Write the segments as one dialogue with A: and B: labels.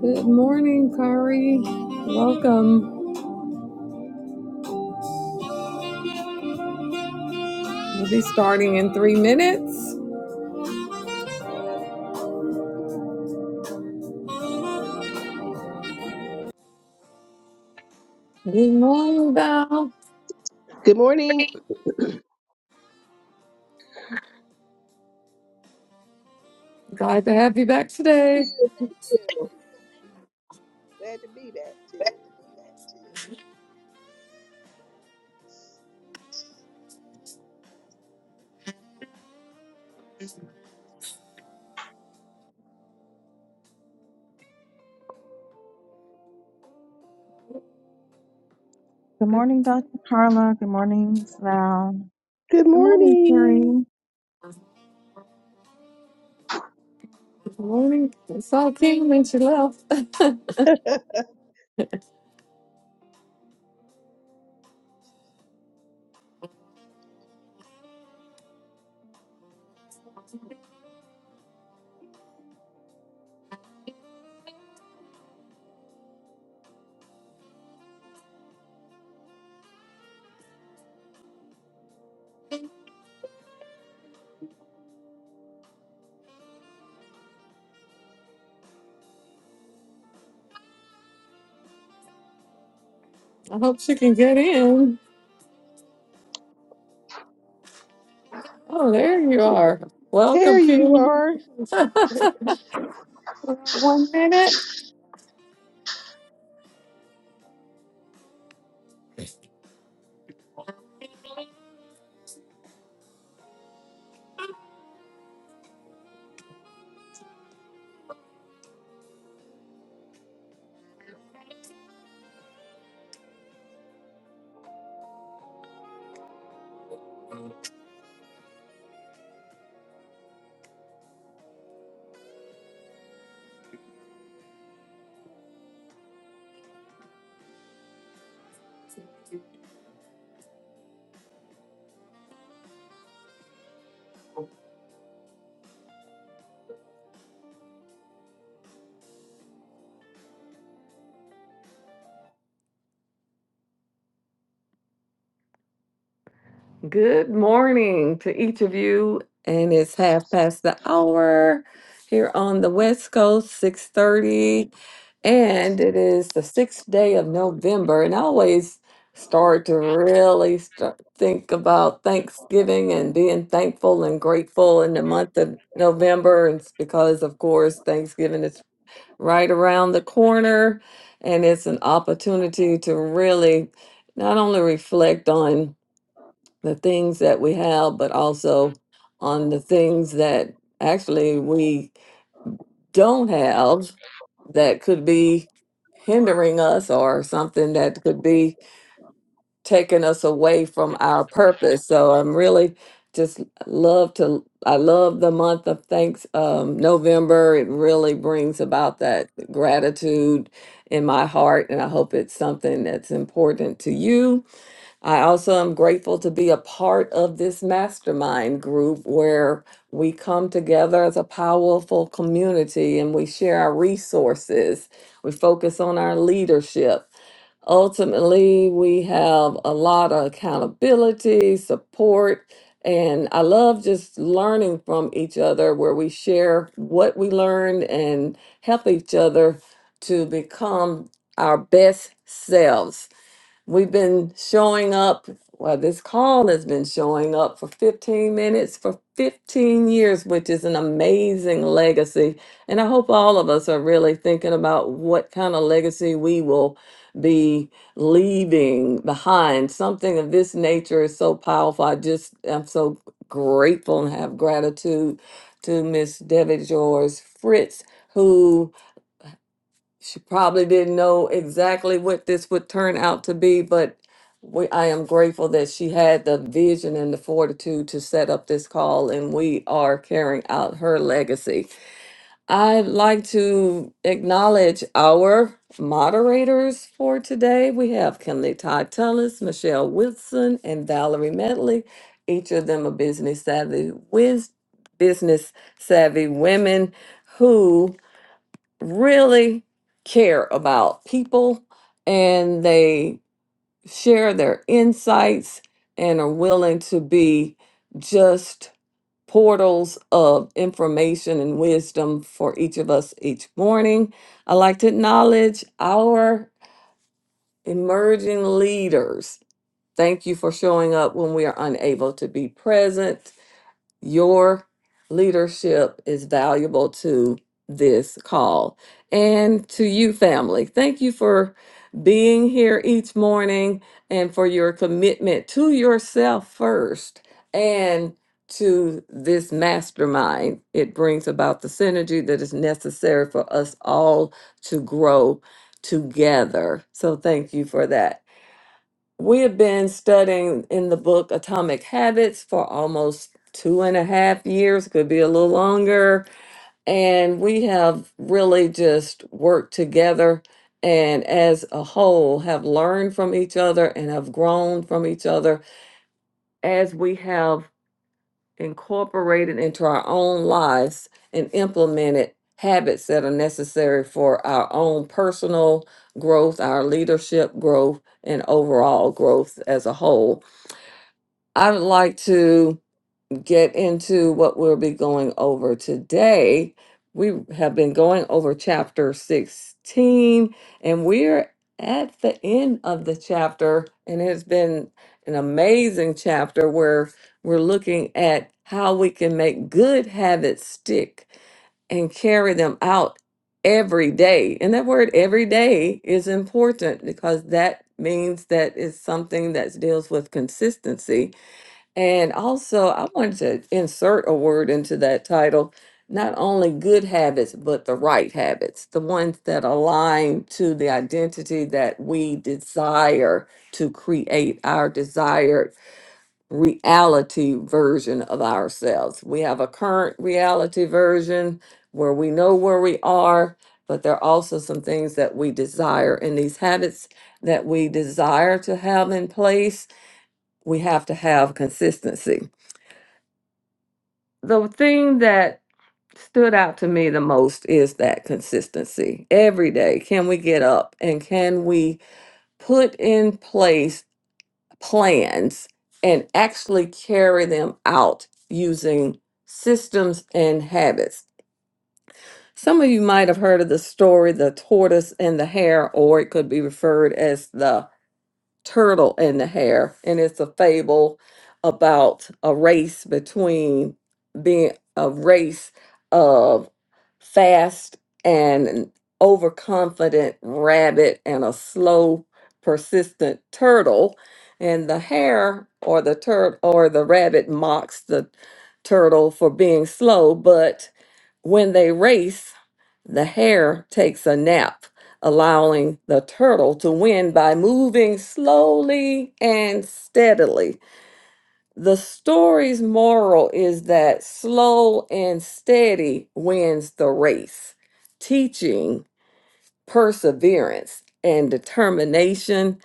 A: Good morning, Kari. Welcome. We'll be starting in three minutes. Good morning, Val.
B: Good morning. Thank
A: Glad to have you back today.
B: you. Thank you. Glad to be back too.
C: Good
A: Good
C: morning, Dr. Carla. Good morning, Val.
B: Good
C: Good morning, Terry.
B: morning.
A: morning. I saw Kim when she left. I hope she can get in. Oh, there you are.
B: There
A: Welcome,
B: you
A: Kim.
B: are.
A: One minute. Good morning to each of you, and it's half past the hour here on the West Coast, six thirty, and it is the sixth day of November. And I always start to really start, think about Thanksgiving and being thankful and grateful in the month of November, and it's because, of course, Thanksgiving is right around the corner, and it's an opportunity to really not only reflect on the things that we have, but also on the things that actually we don't have that could be hindering us or something that could be taking us away from our purpose. So I'm really just love to I love the month of thanks um November. It really brings about that gratitude in my heart and I hope it's something that's important to you I also am grateful to be a part of this mastermind group where we come together as a powerful community and we share our resources. We focus on our leadership. Ultimately, we have a lot of accountability, support, and I love just learning from each other where we share what we learned and help each other to become our best selves. We've been showing up, well, this call has been showing up for 15 minutes for 15 years, which is an amazing legacy. And I hope all of us are really thinking about what kind of legacy we will be leaving behind. Something of this nature is so powerful. I just am so grateful and have gratitude to Miss Debbie George Fritz, who she probably didn't know exactly what this would turn out to be, but we, I am grateful that she had the vision and the fortitude to set up this call, and we are carrying out her legacy. I'd like to acknowledge our moderators for today. We have Kimberly Todd Tullis, Michelle Wilson, and Valerie Medley, each of them a business savvy, wiz- business savvy women who really care about people and they share their insights and are willing to be just portals of information and wisdom for each of us each morning. I like to acknowledge our emerging leaders. Thank you for showing up when we are unable to be present your leadership is valuable to this call and to you, family. Thank you for being here each morning and for your commitment to yourself first and to this mastermind. It brings about the synergy that is necessary for us all to grow together. So, thank you for that. We have been studying in the book Atomic Habits for almost two and a half years, could be a little longer. And we have really just worked together and as a whole have learned from each other and have grown from each other as we have incorporated into our own lives and implemented habits that are necessary for our own personal growth, our leadership growth, and overall growth as a whole. I would like to get into what we'll be going over today. We have been going over chapter 16, and we're at the end of the chapter, and it's been an amazing chapter where we're looking at how we can make good habits stick and carry them out every day. And that word every day is important because that means that it's something that deals with consistency and also, I wanted to insert a word into that title not only good habits, but the right habits, the ones that align to the identity that we desire to create our desired reality version of ourselves. We have a current reality version where we know where we are, but there are also some things that we desire, and these habits that we desire to have in place, we have to have consistency the thing that stood out to me the most is that consistency. Every day, can we get up and can we put in place plans and actually carry them out using systems and habits? Some of you might have heard of the story, the tortoise and the hare, or it could be referred as the turtle in the hair, and it's a fable about a race between being a race of fast and an overconfident rabbit and a slow, persistent turtle. And the hare or the turtle or the rabbit mocks the turtle for being slow, but when they race, the hare takes a nap allowing the turtle to win by moving slowly and steadily. The story's moral is that slow and steady wins the race, teaching perseverance and determination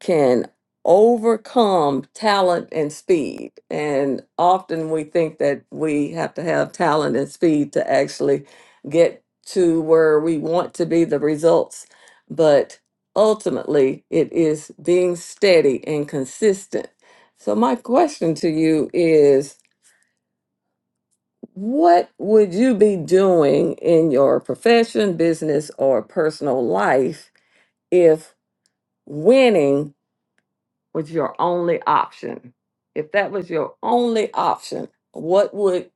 A: can overcome talent and speed. And often we think that we have to have talent and speed to actually get to where we want to be the results. But ultimately, it is being steady and consistent. So, my question to you is what would you be doing in your profession, business, or personal life if winning? was your only option, if that was your only option, what would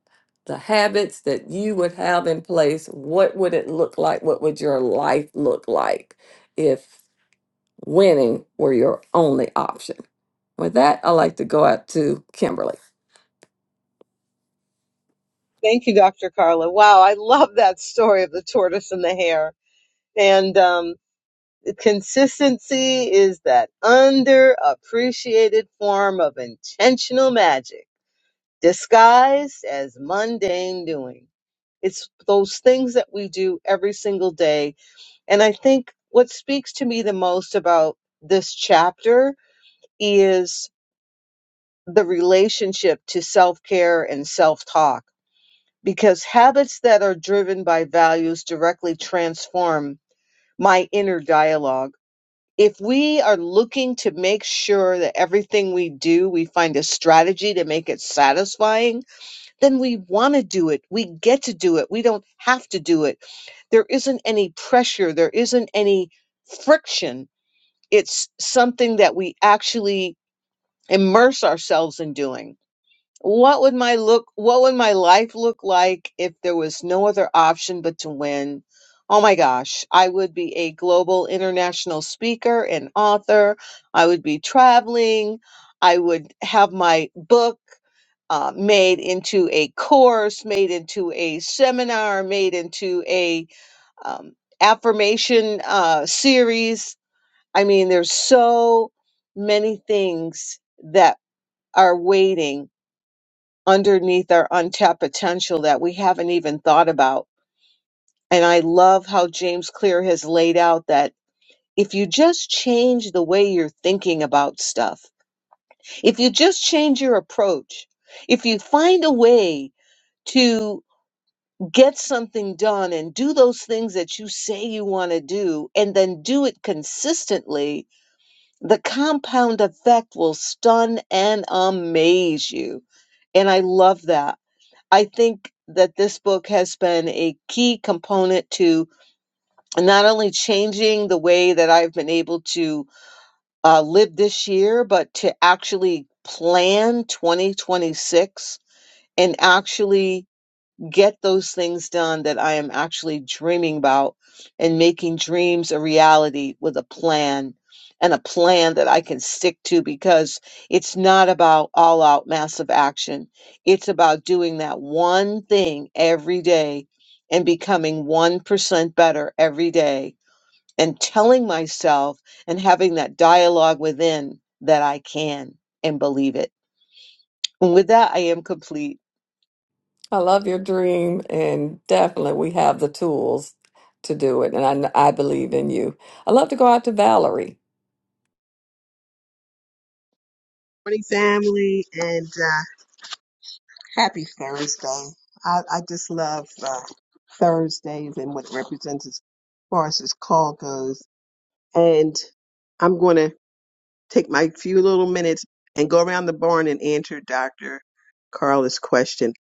A: the habits that you would have in place, what would it look like? What would your life look like if winning were your only option? With that, i like to go out to Kimberly.
D: Thank you, Dr. Carla. Wow, I love that story of the tortoise and the hare. And um, consistency is that underappreciated form of intentional magic disguised as mundane doing. It's those things that we do every single day. And I think what speaks to me the most about this chapter is the relationship to self care and self talk because habits that are driven by values directly transform my inner dialogue. If we are looking to make sure that everything we do, we find a strategy to make it satisfying, then we want to do it. We get to do it. We don't have to do it. There isn't any pressure, there isn't any friction. It's something that we actually immerse ourselves in doing. What would my look what would my life look like if there was no other option but to win? Oh my gosh, I would be a global international speaker and author. I would be traveling. I would have my book uh, made into a course, made into a seminar, made into a um, affirmation uh, series. I mean, there's so many things that are waiting underneath our untapped potential that we haven't even thought about. And I love how James Clear has laid out that if you just change the way you're thinking about stuff, if you just change your approach, if you find a way to get something done and do those things that you say you want to do and then do it consistently, the compound effect will stun and amaze you. And I love that. I think that this book has been a key component to not only changing the way that I've been able to uh, live this year, but to actually plan 2026 and actually get those things done that I am actually dreaming about and making dreams a reality with a plan and a plan that I can stick to because it's not about all out massive action. It's about doing that one thing every day and becoming 1% better every day and telling myself and having that dialogue within that I can and believe it. And with that, I am complete.
A: I love your dream, and definitely we have the tools to do it. And I, I believe in you. i love to go out to Valerie.
B: Morning, family, and uh, happy Thursday. I, I just love uh, Thursdays and what it represents as far as this call goes. And I'm going to take my few little minutes and go around the barn and answer Dr. Carla's question.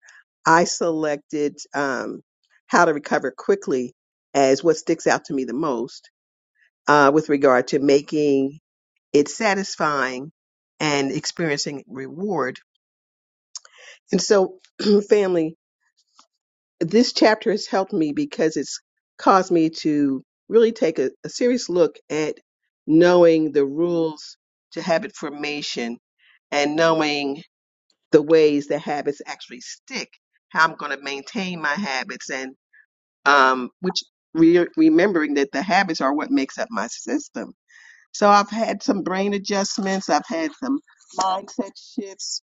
B: I selected um, how to recover quickly as what sticks out to me the most uh, with regard to making it satisfying and experiencing reward. And so, family, this chapter has helped me because it's caused me to really take a, a serious look at knowing the rules to habit formation and knowing the ways that habits actually stick, how I'm going to maintain my habits, and um, which re- remembering that the habits are what makes up my system. So I've had some brain adjustments, I've had some mindset shifts,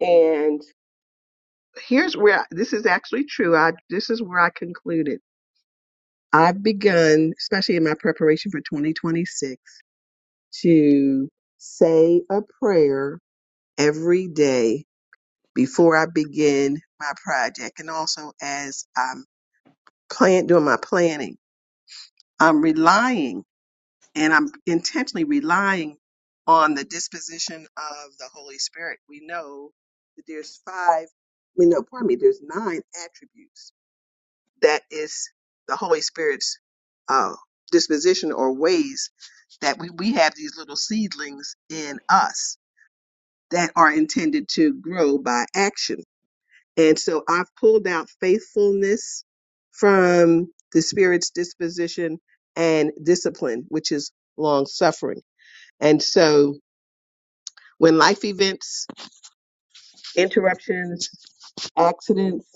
B: and here's where I- this is actually true. I this is where I concluded. I've begun, especially in my preparation for 2026, to say a prayer every day before I begin my project and also as I'm plan doing my planning. I'm relying and I'm intentionally relying on the disposition of the Holy Spirit. We know that there's five, we know, pardon me, there's nine attributes that is the Holy Spirit's uh, disposition or ways that we, we have these little seedlings in us that are intended to grow by action. And so I've pulled out faithfulness from the Spirit's disposition and discipline, which is long suffering and so when life events, interruptions, accidents,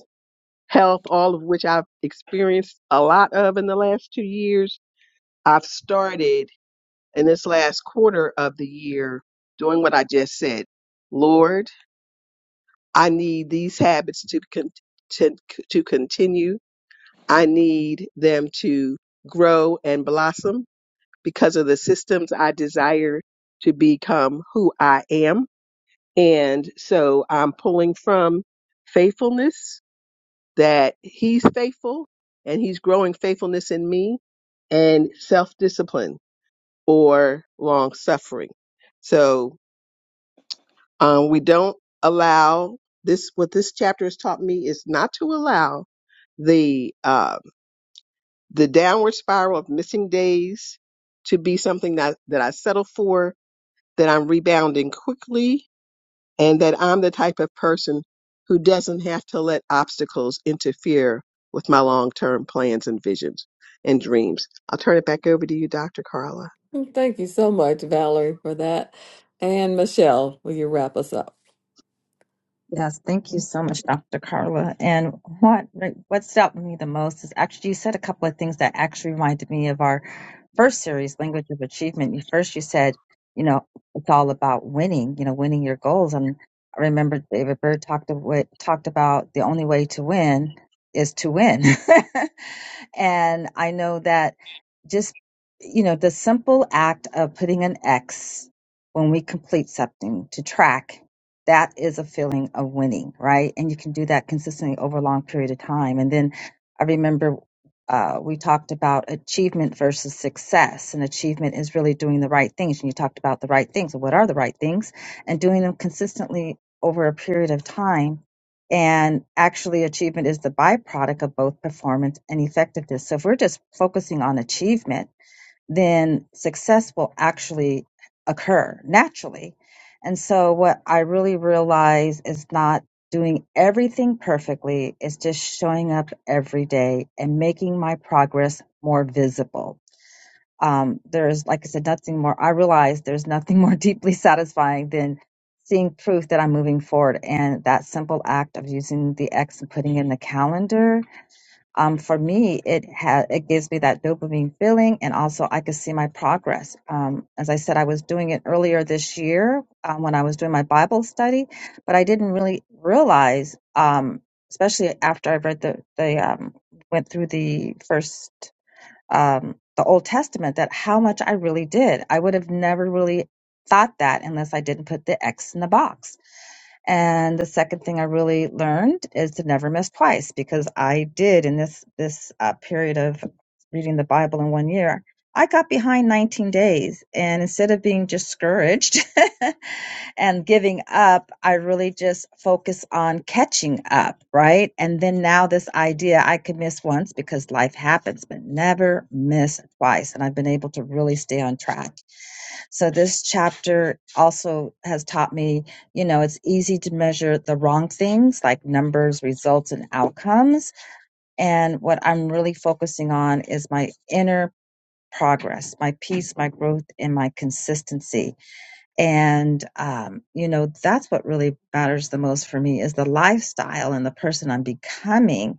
B: health, all of which I've experienced a lot of in the last two years, I've started in this last quarter of the year doing what I just said. Lord, I need these habits to con- to, to continue. I need them to grow and blossom because of the systems I desire to become who I am And so I'm pulling from faithfulness that he's faithful and he's growing faithfulness in me and self discipline or long suffering. So um, we don't allow this, what this chapter has taught me is not to allow the uh, the downward spiral of missing days to be something that, that I settle for, that I'm rebounding quickly and that I'm the type of person who doesn't have to let obstacles interfere with my long term plans and visions and dreams. I'll turn it back over to you, Dr. Carla.
A: Well, Thank you so much, Valerie, for that. And Michelle, will you wrap us up?
C: Yes, thank you so much, Dr. Carla. And what what stood out to me the most is actually you said a couple of things that actually reminded me of our first series, Language of Achievement. You first you said, you know, it's all about winning, you know, winning your goals. And I remember David Bird talked about, talked about the only way to win is to win. And I know that just, you know, the simple act of putting an X when we complete something to track, that is a feeling of winning, right? And you can do that consistently over a long period of time. And then I remember uh, we talked about achievement versus success, and achievement is really doing the right things. And you talked about the right things. What are the right things? And doing them consistently over a period of time and actually, achievement is the byproduct of both performance and effectiveness. So, if we're just focusing on achievement, then success will actually occur naturally. And so, what I really realize is not doing everything perfectly, is just showing up every day and making my progress more visible um, there's like I said, nothing more. I realize there's nothing more deeply satisfying than seeing proof that I'm moving forward. And that simple act of using the X and putting in the calendar, um, for me, it ha- it gives me that dopamine feeling, and also I could see my progress. Um, as I said, I was doing it earlier this year um, when I was doing my Bible study, but I didn't really realize. Um, especially after I read the, the um, went through the first um, the Old Testament that how much I really did. I would have never really thought that unless I didn't put the X in the box. And the second thing I really learned is to never miss twice because I did in this this uh, period of reading the Bible in one year. I got behind 19 days, and instead of being discouraged and giving up, I really just focused on catching up, right? And then now this idea I could miss once because life happens, but never miss twice. And I've been able to really stay on track so this chapter also has taught me, you know, it's easy to measure the wrong things like numbers, results, and outcomes. And what I'm really focusing on is my inner progress, my peace, my growth, and my consistency. And, um, you know, that's what really matters the most for me is the lifestyle and the person I'm becoming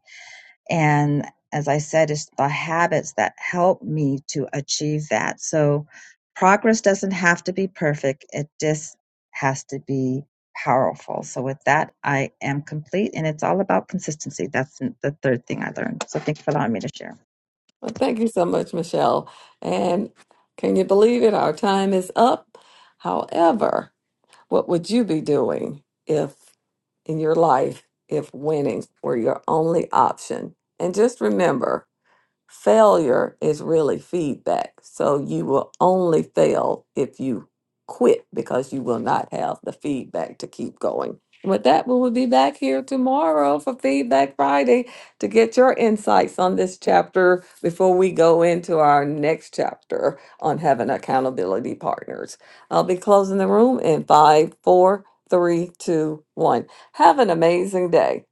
C: and as I said, it's the habits that help me to achieve that. So progress doesn't have to be perfect, it just has to be powerful. So with that, I am complete, and it's all about consistency. That's the third thing I learned. So thank you for allowing me to share.
A: Well, thank you so much, Michelle. And can you believe it? Our time is up. However, What would you be doing if in your life if winning were your only option? And just remember, Failure is really feedback. So you will only fail if you quit because you will not have the feedback to keep going. With that, we will be back here tomorrow for Feedback Friday to get your insights on this chapter before we go into our next chapter on having accountability partners. I'll be closing the room in five, four, three, two, one. Have an amazing day.